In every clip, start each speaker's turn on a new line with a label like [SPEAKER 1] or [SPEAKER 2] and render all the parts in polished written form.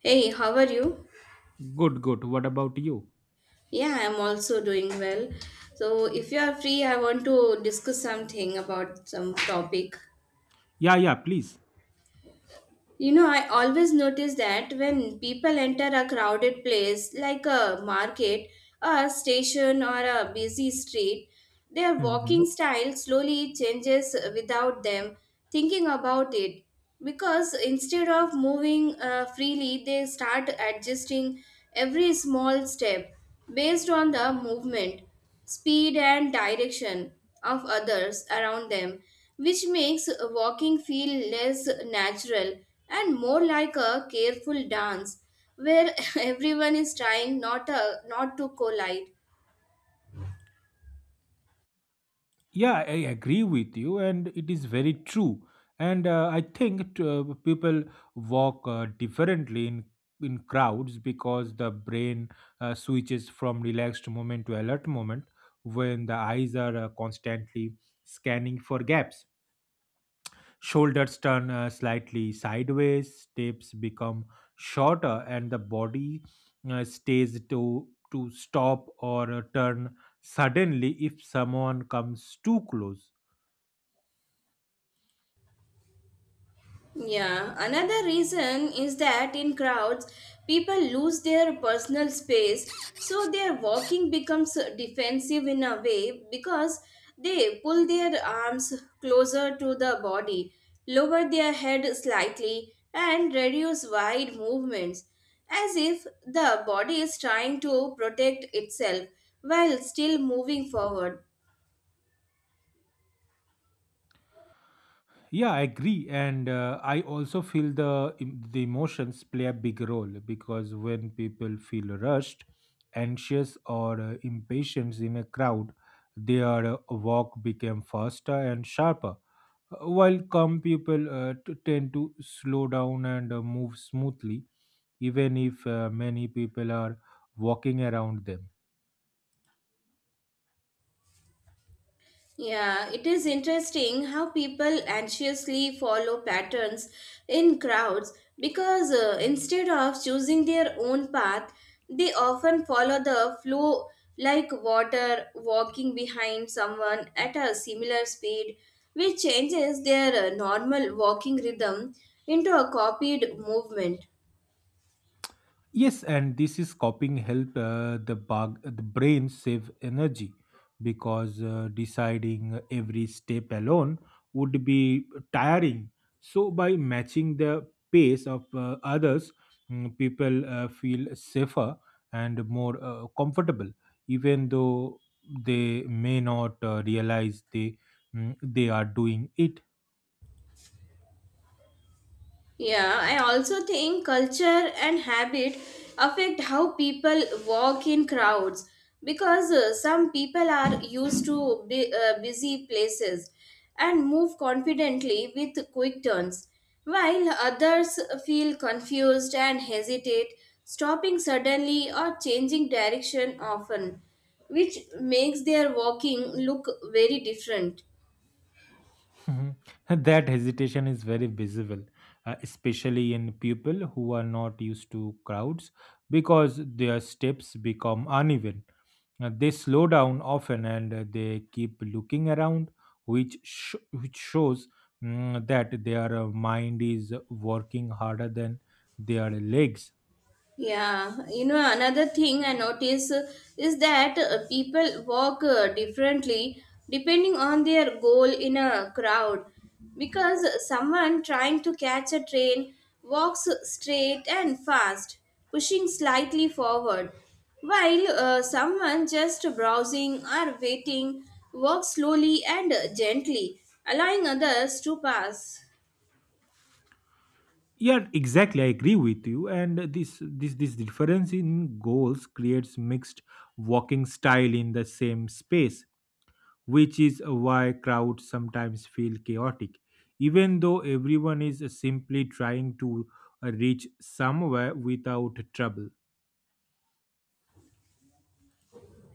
[SPEAKER 1] Hey, how are you?
[SPEAKER 2] Good, good. What about you?
[SPEAKER 1] Yeah, I'm also doing well. So, if you are free, I want to discuss something about some topic.
[SPEAKER 2] Yeah, yeah, please.
[SPEAKER 1] You know, I always notice that when people enter a crowded place like a market, a station, or a busy street, their walking
[SPEAKER 2] hmm
[SPEAKER 1] style slowly changes without them thinking about it. Because instead of moving freely, they start adjusting every small step based on the movement speed and direction of others around them, which makes walking feel less natural and more like a careful dance where everyone is trying not to collide.
[SPEAKER 2] Yeah, I agree with you, and it is very true. And I think people walk differently in crowds because the brain switches from relaxed moment to alert moment when the eyes are constantly scanning for gaps. Shoulders turn slightly sideways, steps become shorter, and the body stays to stop or turn suddenly if someone comes too close.
[SPEAKER 1] Yeah, another reason is that in crowds, people lose their personal space, so their walking becomes defensive in a way because they pull their arms closer to the body, lower their head slightly, and reduce wide movements, as if the body is trying to protect itself while still moving forward.
[SPEAKER 2] Yeah, I agree, and I also feel the emotions play a big role because when people feel rushed, anxious, or impatient in a crowd, their walk became faster and sharper. While calm people tend to slow down and move smoothly, even if many people are walking around them.
[SPEAKER 1] Yeah, it is interesting how people anxiously follow patterns in crowds because instead of choosing their own path, they often follow the flow like water walking behind someone at a similar speed, which changes their normal walking rhythm into a copied movement.
[SPEAKER 2] Yes, and this is copying help the brain save energy because deciding every step alone would be tiring. So by matching the pace of others, people feel safer and more comfortable, even though they may not realize they they are doing it.
[SPEAKER 1] Yeah, I also think culture and habit affect how people walk in crowds because some people are used to busy places and move confidently with quick turns, while others feel confused and hesitate, stopping suddenly or changing direction often, which makes their walking look very different.
[SPEAKER 2] Mhm. That hesitation is very visible, especially in people who are not used to crowds because their steps become uneven. They slow down often and they keep looking around, which shows that their mind is working harder than their legs.
[SPEAKER 1] Yeah, you know, another thing I notice is that people walk differently depending on their goal in a crowd because someone trying to catch a train walks straight and fast, pushing slightly forward, while someone just browsing or waiting walks slowly and gently, allowing others to pass.
[SPEAKER 2] Yeah, exactly. I agree with you. And this difference in goals creates mixed walking style in the same space, which is why crowds sometimes feel chaotic, even though everyone is simply trying to reach somewhere without trouble.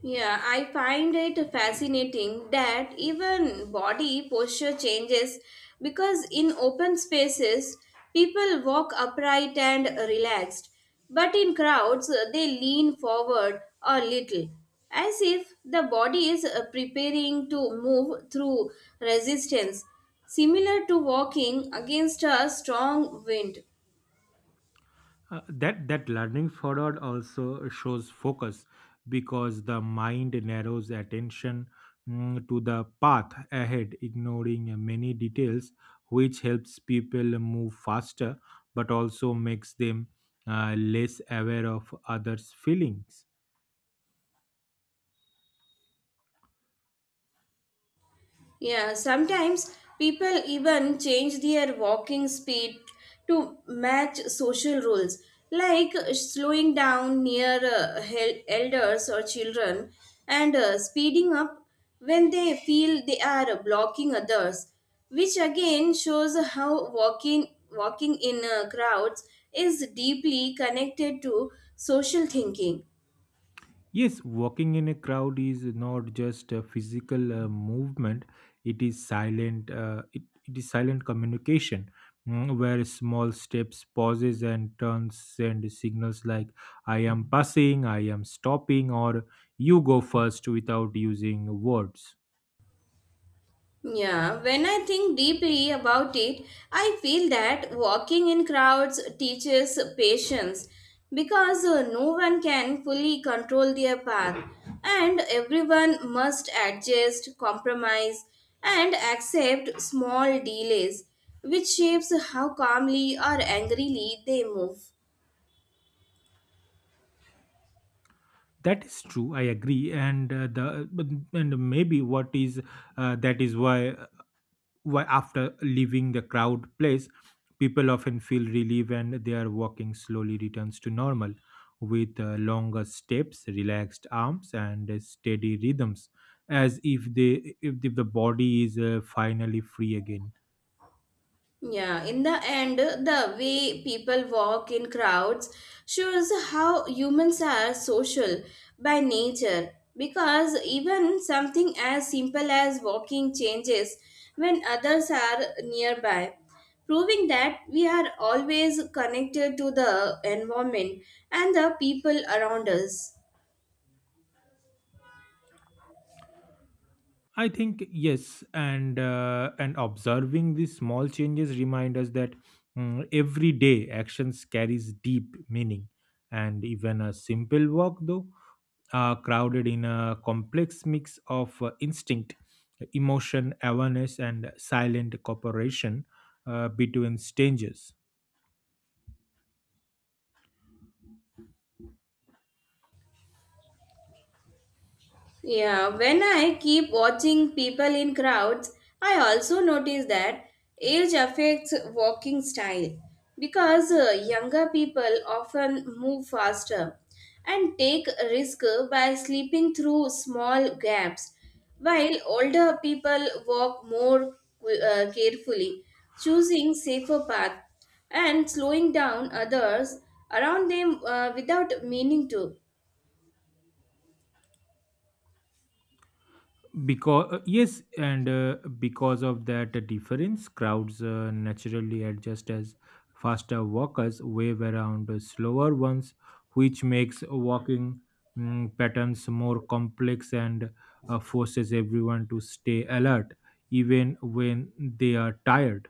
[SPEAKER 1] Yeah, I find it fascinating that even body posture changes because in open spaces, people walk upright and relaxed, but in crowds, they lean forward a little, as if the body is preparing to move through resistance, similar to walking against a strong wind.
[SPEAKER 2] That learning forward also shows focus because the mind narrows attention to the path ahead, ignoring many details, which helps people move faster, but also makes them less aware of others' feelings.
[SPEAKER 1] Yeah, sometimes people even change their walking speed to match social rules, like slowing down near elders or children and speeding up when they feel they are blocking others, which again shows how walking in crowds is deeply connected to social thinking.
[SPEAKER 2] Yes, walking in a crowd is not just a physical movement, it is it is silent communication where small steps pauses and turns send signals like I am passing, I am stopping or you go first without using words.
[SPEAKER 1] Yeah, when I think deeply about it, I feel that walking in crowds teaches patience because no one can fully control their path and everyone must adjust, compromise, and accept small delays, which shapes how calmly or angrily they move.
[SPEAKER 2] That is true, I agree and and maybe what is that is why after leaving the crowd place people often feel relief and their walking slowly returns to normal with longer steps relaxed arms and steady rhythms as if they if the body is finally free again.
[SPEAKER 1] Yeah, in the end, the way people walk in crowds shows how humans are social by nature because even something as simple as walking changes when others are nearby, proving that we are always connected to the environment and the people around us.
[SPEAKER 2] I think yes, and observing these small changes remind us that everyday actions carries deep meaning, and even a simple walk, though crowded in a complex mix of instinct, emotion, awareness, and silent cooperation between strangers.
[SPEAKER 1] Yeah, when I keep watching people in crowds, I also notice that age affects walking style because younger people often move faster and take risk by slipping through small gaps, while older people walk more carefully, choosing safer path and slowing down others around them without meaning to.
[SPEAKER 2] Because yes and because of that difference crowds naturally adjust as faster walkers wave around slower ones, which makes walking patterns more complex and forces everyone to stay alert even when they are tired.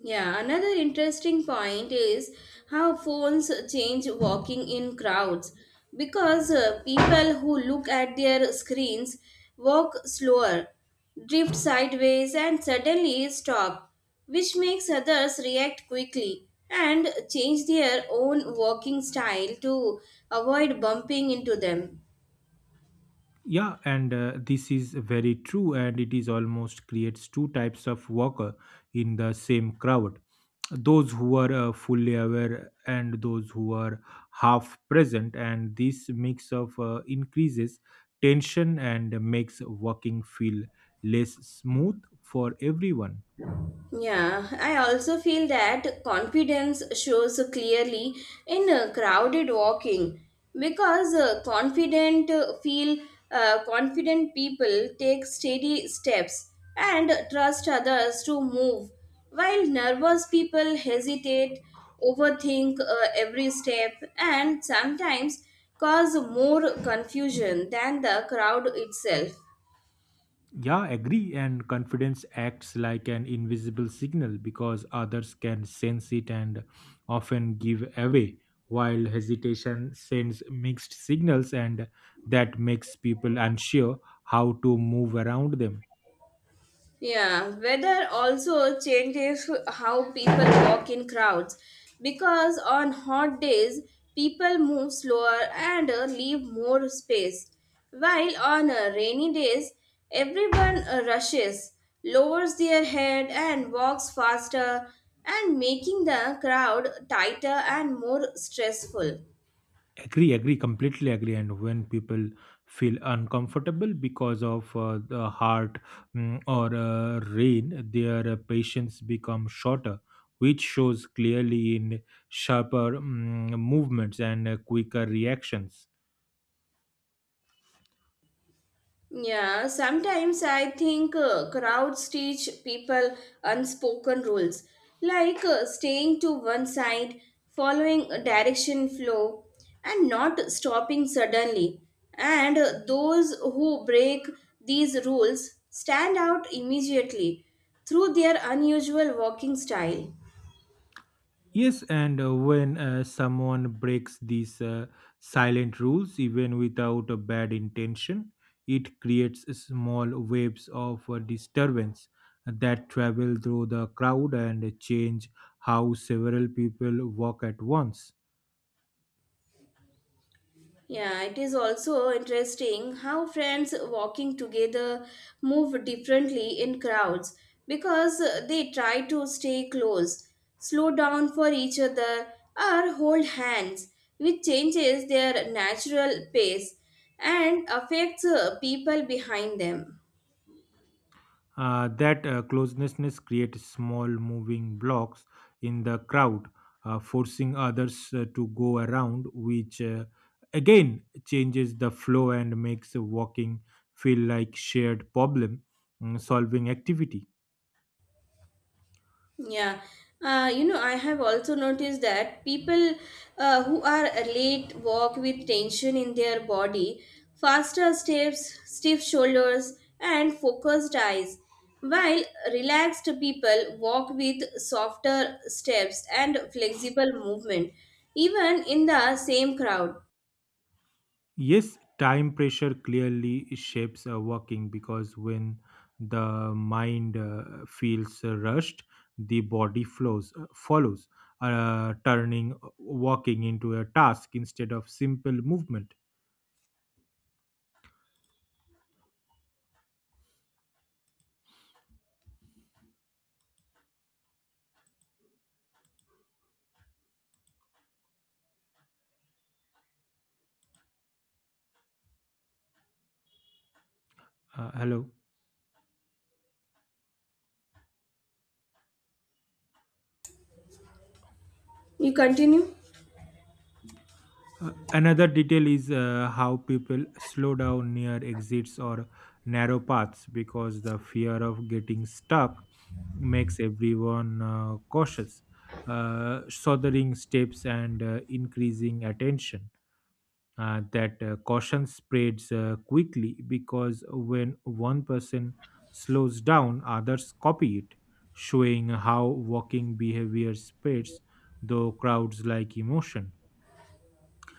[SPEAKER 1] Yeah, another interesting point is how phones change walking in crowds because people who look at their screens walk slower, drift sideways, and suddenly stop, which makes others react quickly and change their own walking style to avoid bumping into them.
[SPEAKER 2] Yeah, and this is very true, and it is almost creates two types of worker in the same crowd. Those who are fully aware and those who are half present, and this mix of increases tension and makes working feel less smooth for everyone.
[SPEAKER 1] Yeah, I also feel that confidence shows clearly in crowded walking because confident people take steady steps and trust others to move while nervous people hesitate overthink every step and sometimes cause more confusion than the crowd itself.
[SPEAKER 2] Yeah, agree. And confidence acts like an invisible signal because others can sense it and often give away, while hesitation sends mixed signals and that makes people unsure how to move around them.
[SPEAKER 1] Yeah, weather also changes how people walk in crowds because on hot days people move slower and leave more space, while on rainy days everyone rushes, lowers their head, and walks faster, and making the crowd tighter and more stressful.
[SPEAKER 2] Agree agree Completely agree. And when people feel uncomfortable because of the heart or rain, their patience become shorter, which shows clearly in sharper movements and quicker reactions.
[SPEAKER 1] Yeah, sometimes I think crowds teach people unspoken rules, like staying to one side, following a direction flow, and not stopping suddenly. And those who break these rules stand out immediately through their unusual walking style.
[SPEAKER 2] Yes, and when someone breaks these silent rules, even without a bad intention, it creates a small waves of disturbance that travel through the crowd and change how several people walk at once.
[SPEAKER 1] Yeah, it is also interesting how friends walking together move differently in crowds because they try to stay close, slow down for each other, or hold hands, which changes their natural pace and affects people behind them.
[SPEAKER 2] That closeness creates small moving blocks in the crowd, forcing others to go around, which again changes the flow and makes walking feel like shared problem solving activity.
[SPEAKER 1] Yeah, you know, I have also noticed that people who are late walk with tension in their body, faster steps, stiff shoulders, and focused eyes, while relaxed people walk with softer steps and flexible movement, even in the same crowd.
[SPEAKER 2] Yes, time pressure clearly shapes working because when the mind feels rushed, the body flows follows, turning walking into a task instead of simple movement. Hello.
[SPEAKER 1] You continue?
[SPEAKER 2] Another detail is how people slow down near exits or narrow paths because the fear of getting stuck makes everyone cautious, sothering steps and increasing attention. That caution spreads quickly because when one person slows down, others copy it, showing how walking behavior spreads, though crowds like emotion.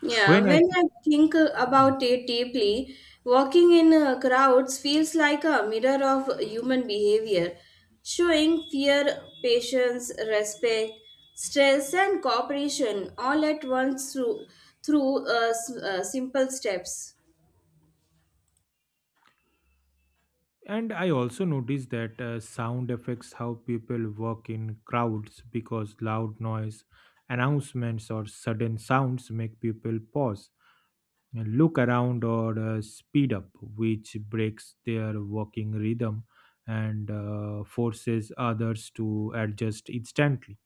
[SPEAKER 1] Yeah,
[SPEAKER 2] When I
[SPEAKER 1] when
[SPEAKER 2] think
[SPEAKER 1] I think about it deeply, walking in crowds feels like a mirror of human behavior, showing fear, patience, respect, stress, and cooperation all at once through simple steps.
[SPEAKER 2] And I also noticed that sound affects how people work in crowds because loud noise, announcements, or sudden sounds make people pause and look around or speed up, which breaks their working rhythm and forces others to adjust instantly.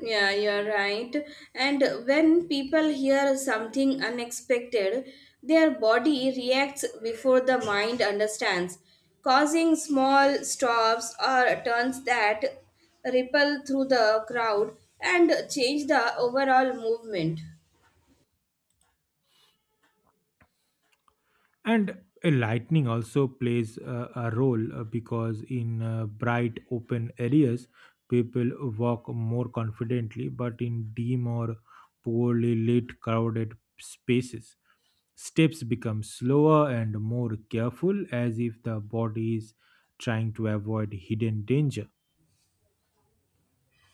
[SPEAKER 1] Yeah, you're right. And when people hear something unexpected, their body reacts before the mind understands, causing small stops or turns that ripple through the crowd and change the overall movement.
[SPEAKER 2] And lightning also plays a role because in bright open areas, people walk more confidently, but in dim or poorly lit, crowded spaces, steps become slower and more careful as if the body is trying to avoid hidden danger.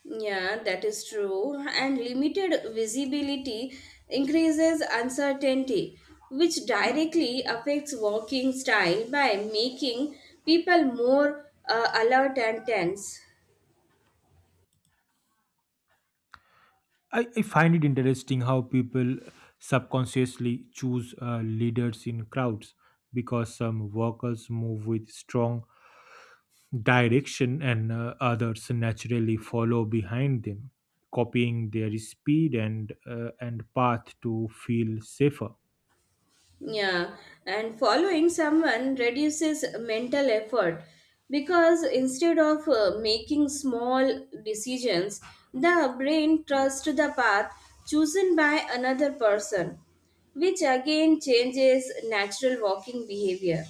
[SPEAKER 1] Yeah, that is true. And limited visibility increases uncertainty, which directly affects walking style by making people more alert and tense.
[SPEAKER 2] I find it interesting how people subconsciously choose leaders in crowds because some workers move with strong direction and others naturally follow behind them copying their speed and path to feel safer.
[SPEAKER 1] Yeah, and following someone reduces mental effort because instead of making small decisions, the brain trusts the path chosen by another person, which again changes natural walking behavior.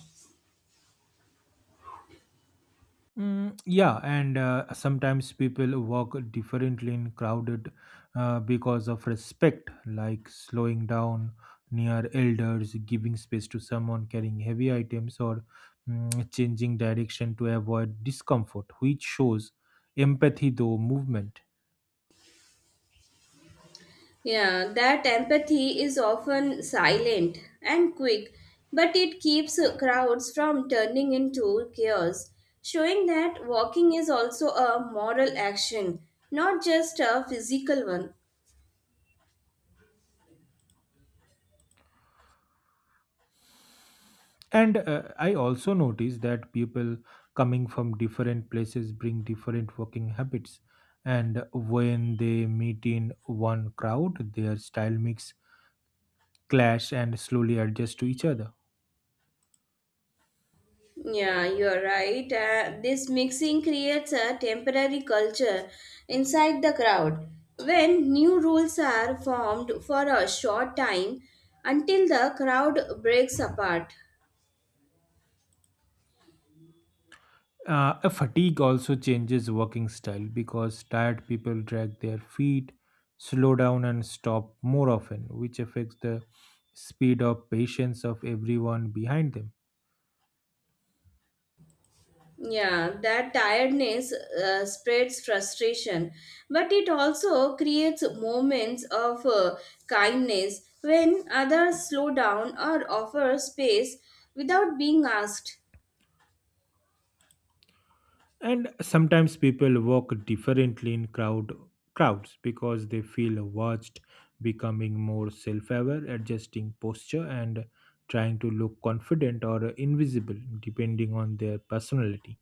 [SPEAKER 2] Yeah, and sometimes people walk differently in crowded because of respect, like slowing down near elders, giving space to someone carrying heavy items, or changing direction to avoid discomfort, which shows empathy though movement.
[SPEAKER 1] Yeah, that empathy is often silent and quick, but it keeps crowds from turning into chaos, showing that walking is also a moral action, not just a physical one.
[SPEAKER 2] And I also notice that people coming from different places bring different working habits. And when they meet in one crowd, their style mix, clash, and slowly adjust to each other.
[SPEAKER 1] Yeah, you're right. This mixing creates a temporary culture inside the crowd. When new rules are formed for a short time until the crowd breaks apart.
[SPEAKER 2] A fatigue also changes working style because tired people drag their feet, slow down, and stop more often, which affects the speed of patience of everyone behind them.
[SPEAKER 1] Yeah, that tiredness spreads frustration, but it also creates moments of kindness when others slow down or offer space without being asked.
[SPEAKER 2] And sometimes people walk differently in crowds because they feel watched, becoming more self-aware, adjusting posture and trying to look confident or invisible depending on their personality.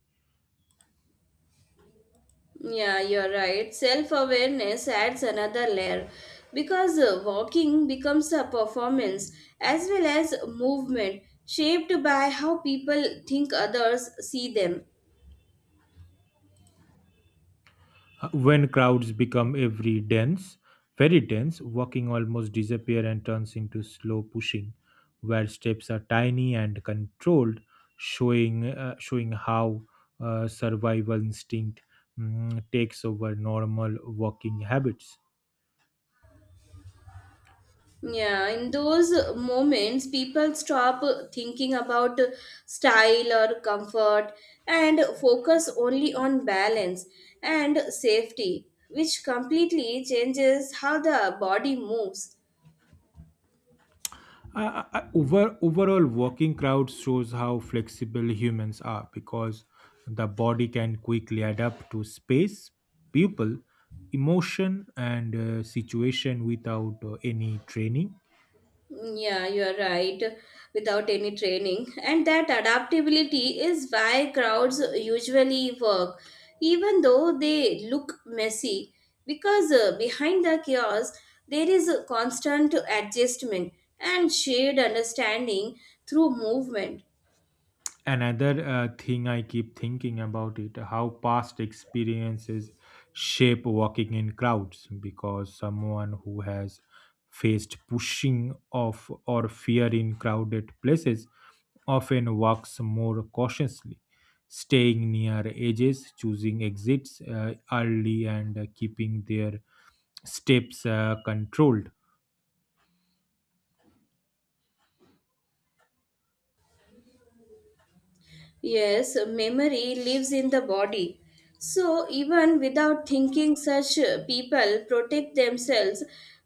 [SPEAKER 1] Yeah, you're right. Self awareness adds another layer because walking becomes a performance as well as movement shaped by how people think others see them.
[SPEAKER 2] When crowds become every dense very dense, walking almost disappear and turns into slow pushing where steps are tiny and controlled, showing how survival instinct takes over normal walking habits.
[SPEAKER 1] Yeah, in those moments, people stop thinking about style or comfort and focus only on balance and safety, which completely changes how the body moves.
[SPEAKER 2] Overall, walking crowd shows how flexible humans are because the body can quickly adapt to space, people, emotion, and situation without any training.
[SPEAKER 1] Yeah, you are right. Without any training, and that adaptability is why crowds usually work, even though they look messy, because behind the chaos there is a constant adjustment and shared understanding through movement.
[SPEAKER 2] Another thing I keep thinking about, it how past experiences shape walking in crowds because someone who has faced pushing off or fear in crowded places often walks more cautiously, staying near edges, choosing exits early, and keeping their steps controlled.
[SPEAKER 1] Yes, memory lives in the body. So, even without thinking, such people protect themselves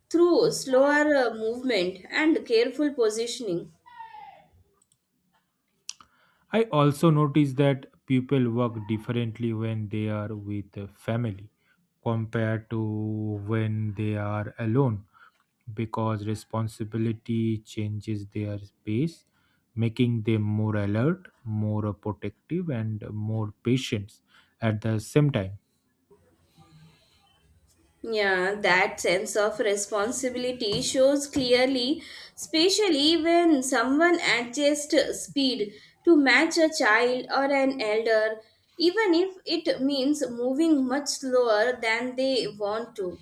[SPEAKER 1] through slower movement and careful positioning.
[SPEAKER 2] I also notice that people work differently when they are with a family compared to when they are alone because responsibility changes their pace, making them more alert, more protective, and more patient at the same time.
[SPEAKER 1] Yeah, that sense of responsibility shows clearly, especially when someone adjusts speed to match a child or an elder, even if it means moving much slower than they want to.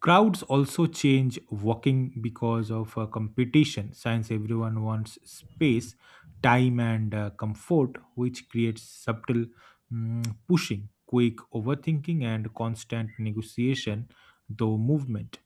[SPEAKER 2] Crowds also change walking because of competition, since everyone wants space, time, and comfort, which creates subtle pushing, quick overthinking, and constant negotiation, though movement.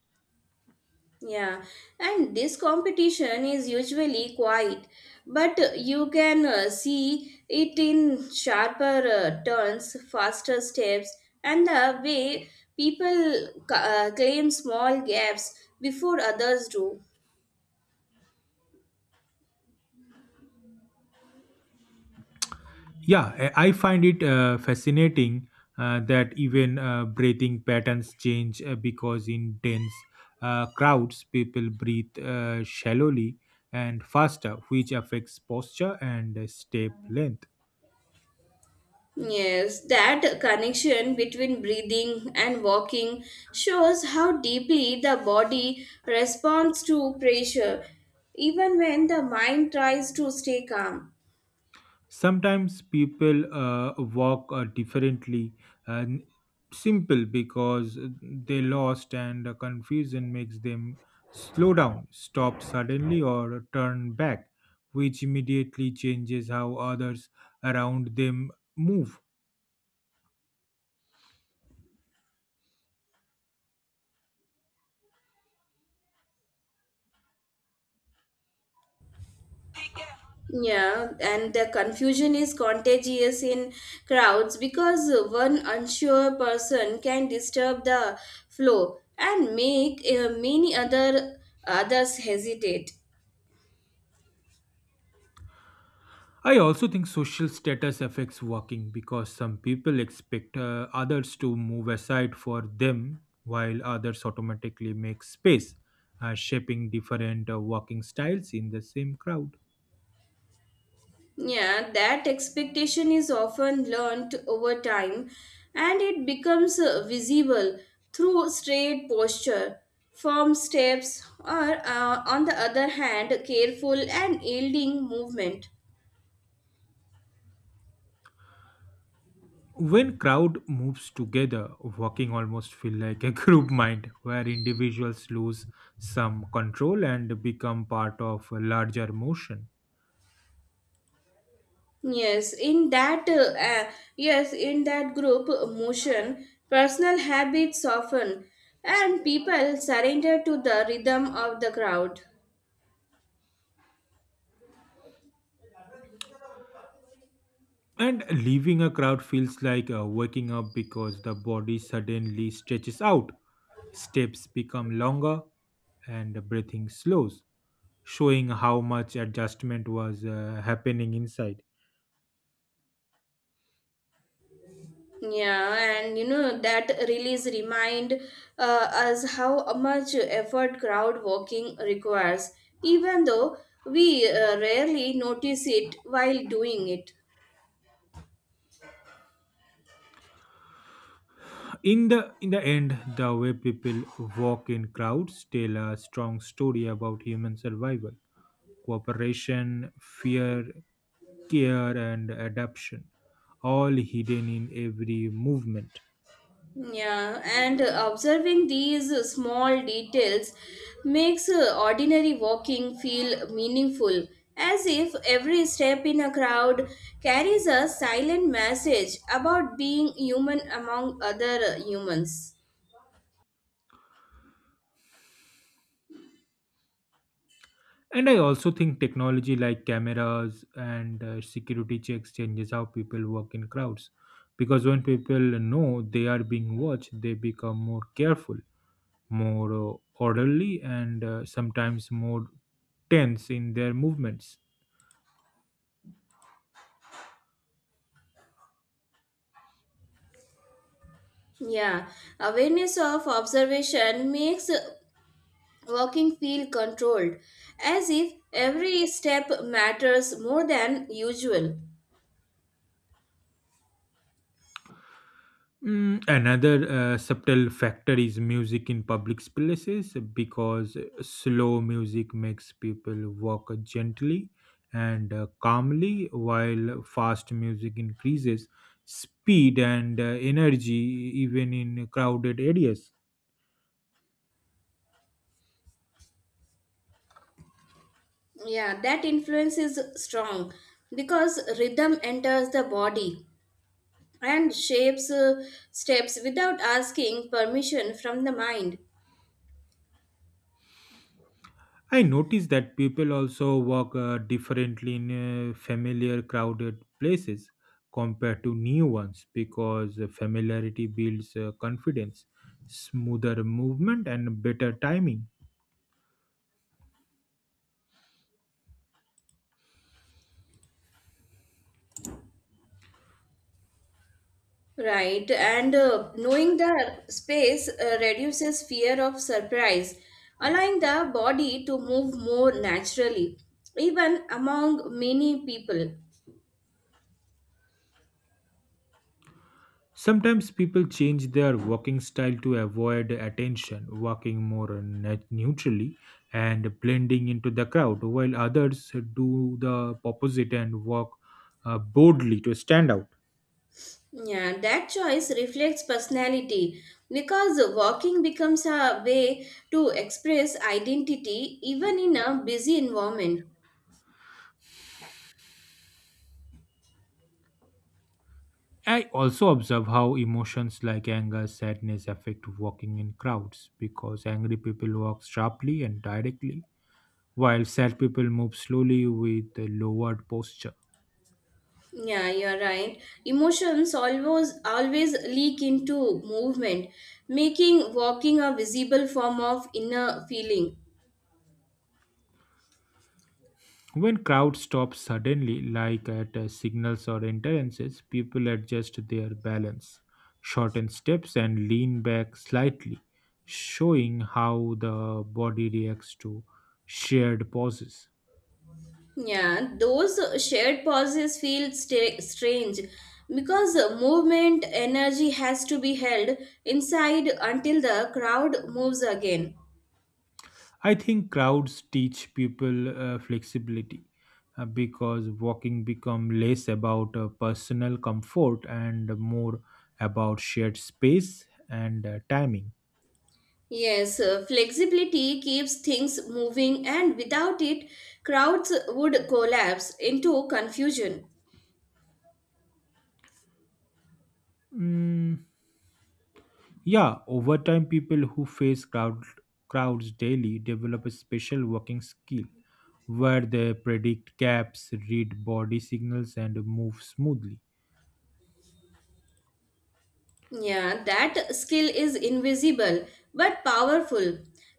[SPEAKER 1] Yeah, and this competition is usually quiet, but you can see it in sharper turns, faster steps, and the way people claim small gaps before others do.
[SPEAKER 2] Yeah, I find it fascinating that even breathing patterns change because in dense crowds, people breathe shallowly and faster, which affects posture and step length.
[SPEAKER 1] Yes, that connection between breathing and walking shows how deeply the body responds to pressure, even when the mind tries to stay calm.
[SPEAKER 2] Sometimes people walk differently and simple because they lost and confusion makes them slow down, stop suddenly or turn back, which immediately changes how others around them move.
[SPEAKER 1] Yeah, and the confusion is contagious in crowds because one unsure person can disturb the flow and make many others hesitate.
[SPEAKER 2] I also think social status affects walking because some people expect others to move aside for them while others automatically make space, shaping different working styles in the same crowd.
[SPEAKER 1] Yeah, that expectation is often learnt over time and it becomes visible through straight posture, firm steps, or on the other hand, careful and yielding movement.
[SPEAKER 2] When crowd moves together, walking almost feel like a group mind where individuals lose some control and become part of a larger motion.
[SPEAKER 1] Yes, in that uh, uh, yes, in that group motion, personal habits soften and people surrender to the rhythm of the crowd.
[SPEAKER 2] And leaving a crowd feels like waking up because the body suddenly stretches out, steps become longer, and the breathing slows, showing how much adjustment was happening inside.
[SPEAKER 1] Yeah, and you know that release remind us how much effort crowd walking requires, even though we rarely notice it while doing it.
[SPEAKER 2] In the end, the way people walk in crowds tell a strong story about human survival, cooperation, fear, care, and adaptation, all hidden in every movement.
[SPEAKER 1] Yeah, and observing these small details makes ordinary walking feel meaningful, as if every step in a crowd carries a silent message about being human among other humans.
[SPEAKER 2] And I also think technology like cameras and security checks changes how people work in crowds. Because when people know they are being watched, they become more careful, more orderly, and sometimes more tense in their movements.
[SPEAKER 1] Yeah, awareness of observation makes walking feel controlled, as if every step matters more than usual.
[SPEAKER 2] Another subtle factor is music in public places because slow music makes people walk gently and calmly, while fast music increases speed and energy even in crowded areas.
[SPEAKER 1] Yeah, that influence is strong because rhythm enters the body and shapes steps without asking permission from the mind.
[SPEAKER 2] I noticed that people also walk differently in familiar, crowded places compared to new ones because familiarity builds confidence, smoother movement, and better timing.
[SPEAKER 1] Right, and knowing the space reduces fear of surprise, allowing the body to move more naturally, even among many people.
[SPEAKER 2] Sometimes people change their walking style to avoid attention, walking more neutrally and blending into the crowd, while others do the opposite and walk boldly to stand out.
[SPEAKER 1] Yeah, that choice reflects personality because walking becomes a way to express identity even in a busy environment.
[SPEAKER 2] I also observe how emotions like anger, sadness affect walking in crowds because angry people walk sharply and directly, while sad people move slowly with a lowered posture.
[SPEAKER 1] Yeah, you're right. Emotions always leak into movement, making walking a visible form of inner feeling.
[SPEAKER 2] When crowds stop suddenly, like at signals or entrances, people adjust their balance, shorten steps, and lean back slightly, showing how the body reacts to shared pauses.
[SPEAKER 1] Yeah, those shared pauses feel sta strange because movement energy has to be held inside until the crowd moves again.
[SPEAKER 2] I think crowds teach people flexibility because walking become less about personal comfort and more about shared space and timing.
[SPEAKER 1] Yes, flexibility keeps things moving, and without it, crowds would collapse into confusion.
[SPEAKER 2] Mm, yeah, over time, people who face crowds daily develop a special walking skill where they predict gaps, read body signals, and move smoothly.
[SPEAKER 1] Yeah, that skill is invisible but powerful,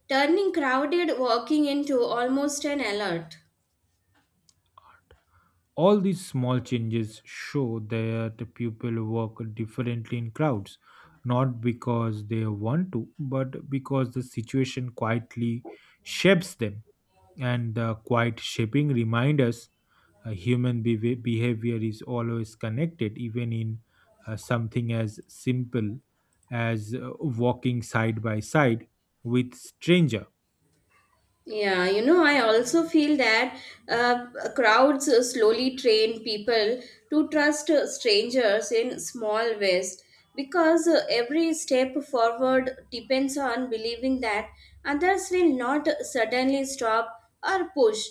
[SPEAKER 1] turning crowded walking into almost an alert.
[SPEAKER 2] All these small changes show that people work differently in crowds, not because they want to, but because the situation quietly shapes them. And the quiet shaping reminds us human behavior is always connected, even in something as simple as walking side by side with stranger.
[SPEAKER 1] Yeah, you know, I also feel that uh, crowds slowly train people to trust strangers in small ways because every step forward depends on believing that others will not suddenly stop or push,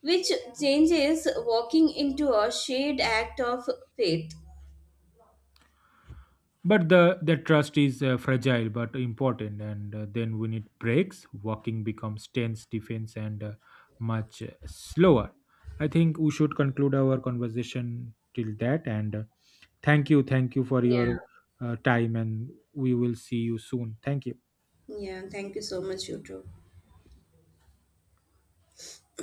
[SPEAKER 1] which changes walking into a shared act of faith.
[SPEAKER 2] But the that trust is fragile but important, and then when it breaks walking becomes tense defense and much slower. I think we should conclude our conversation till that, and thank you for
[SPEAKER 1] Yeah,
[SPEAKER 2] your time, and we will see you soon. Thank you.
[SPEAKER 1] yeah, thank you so much, you too.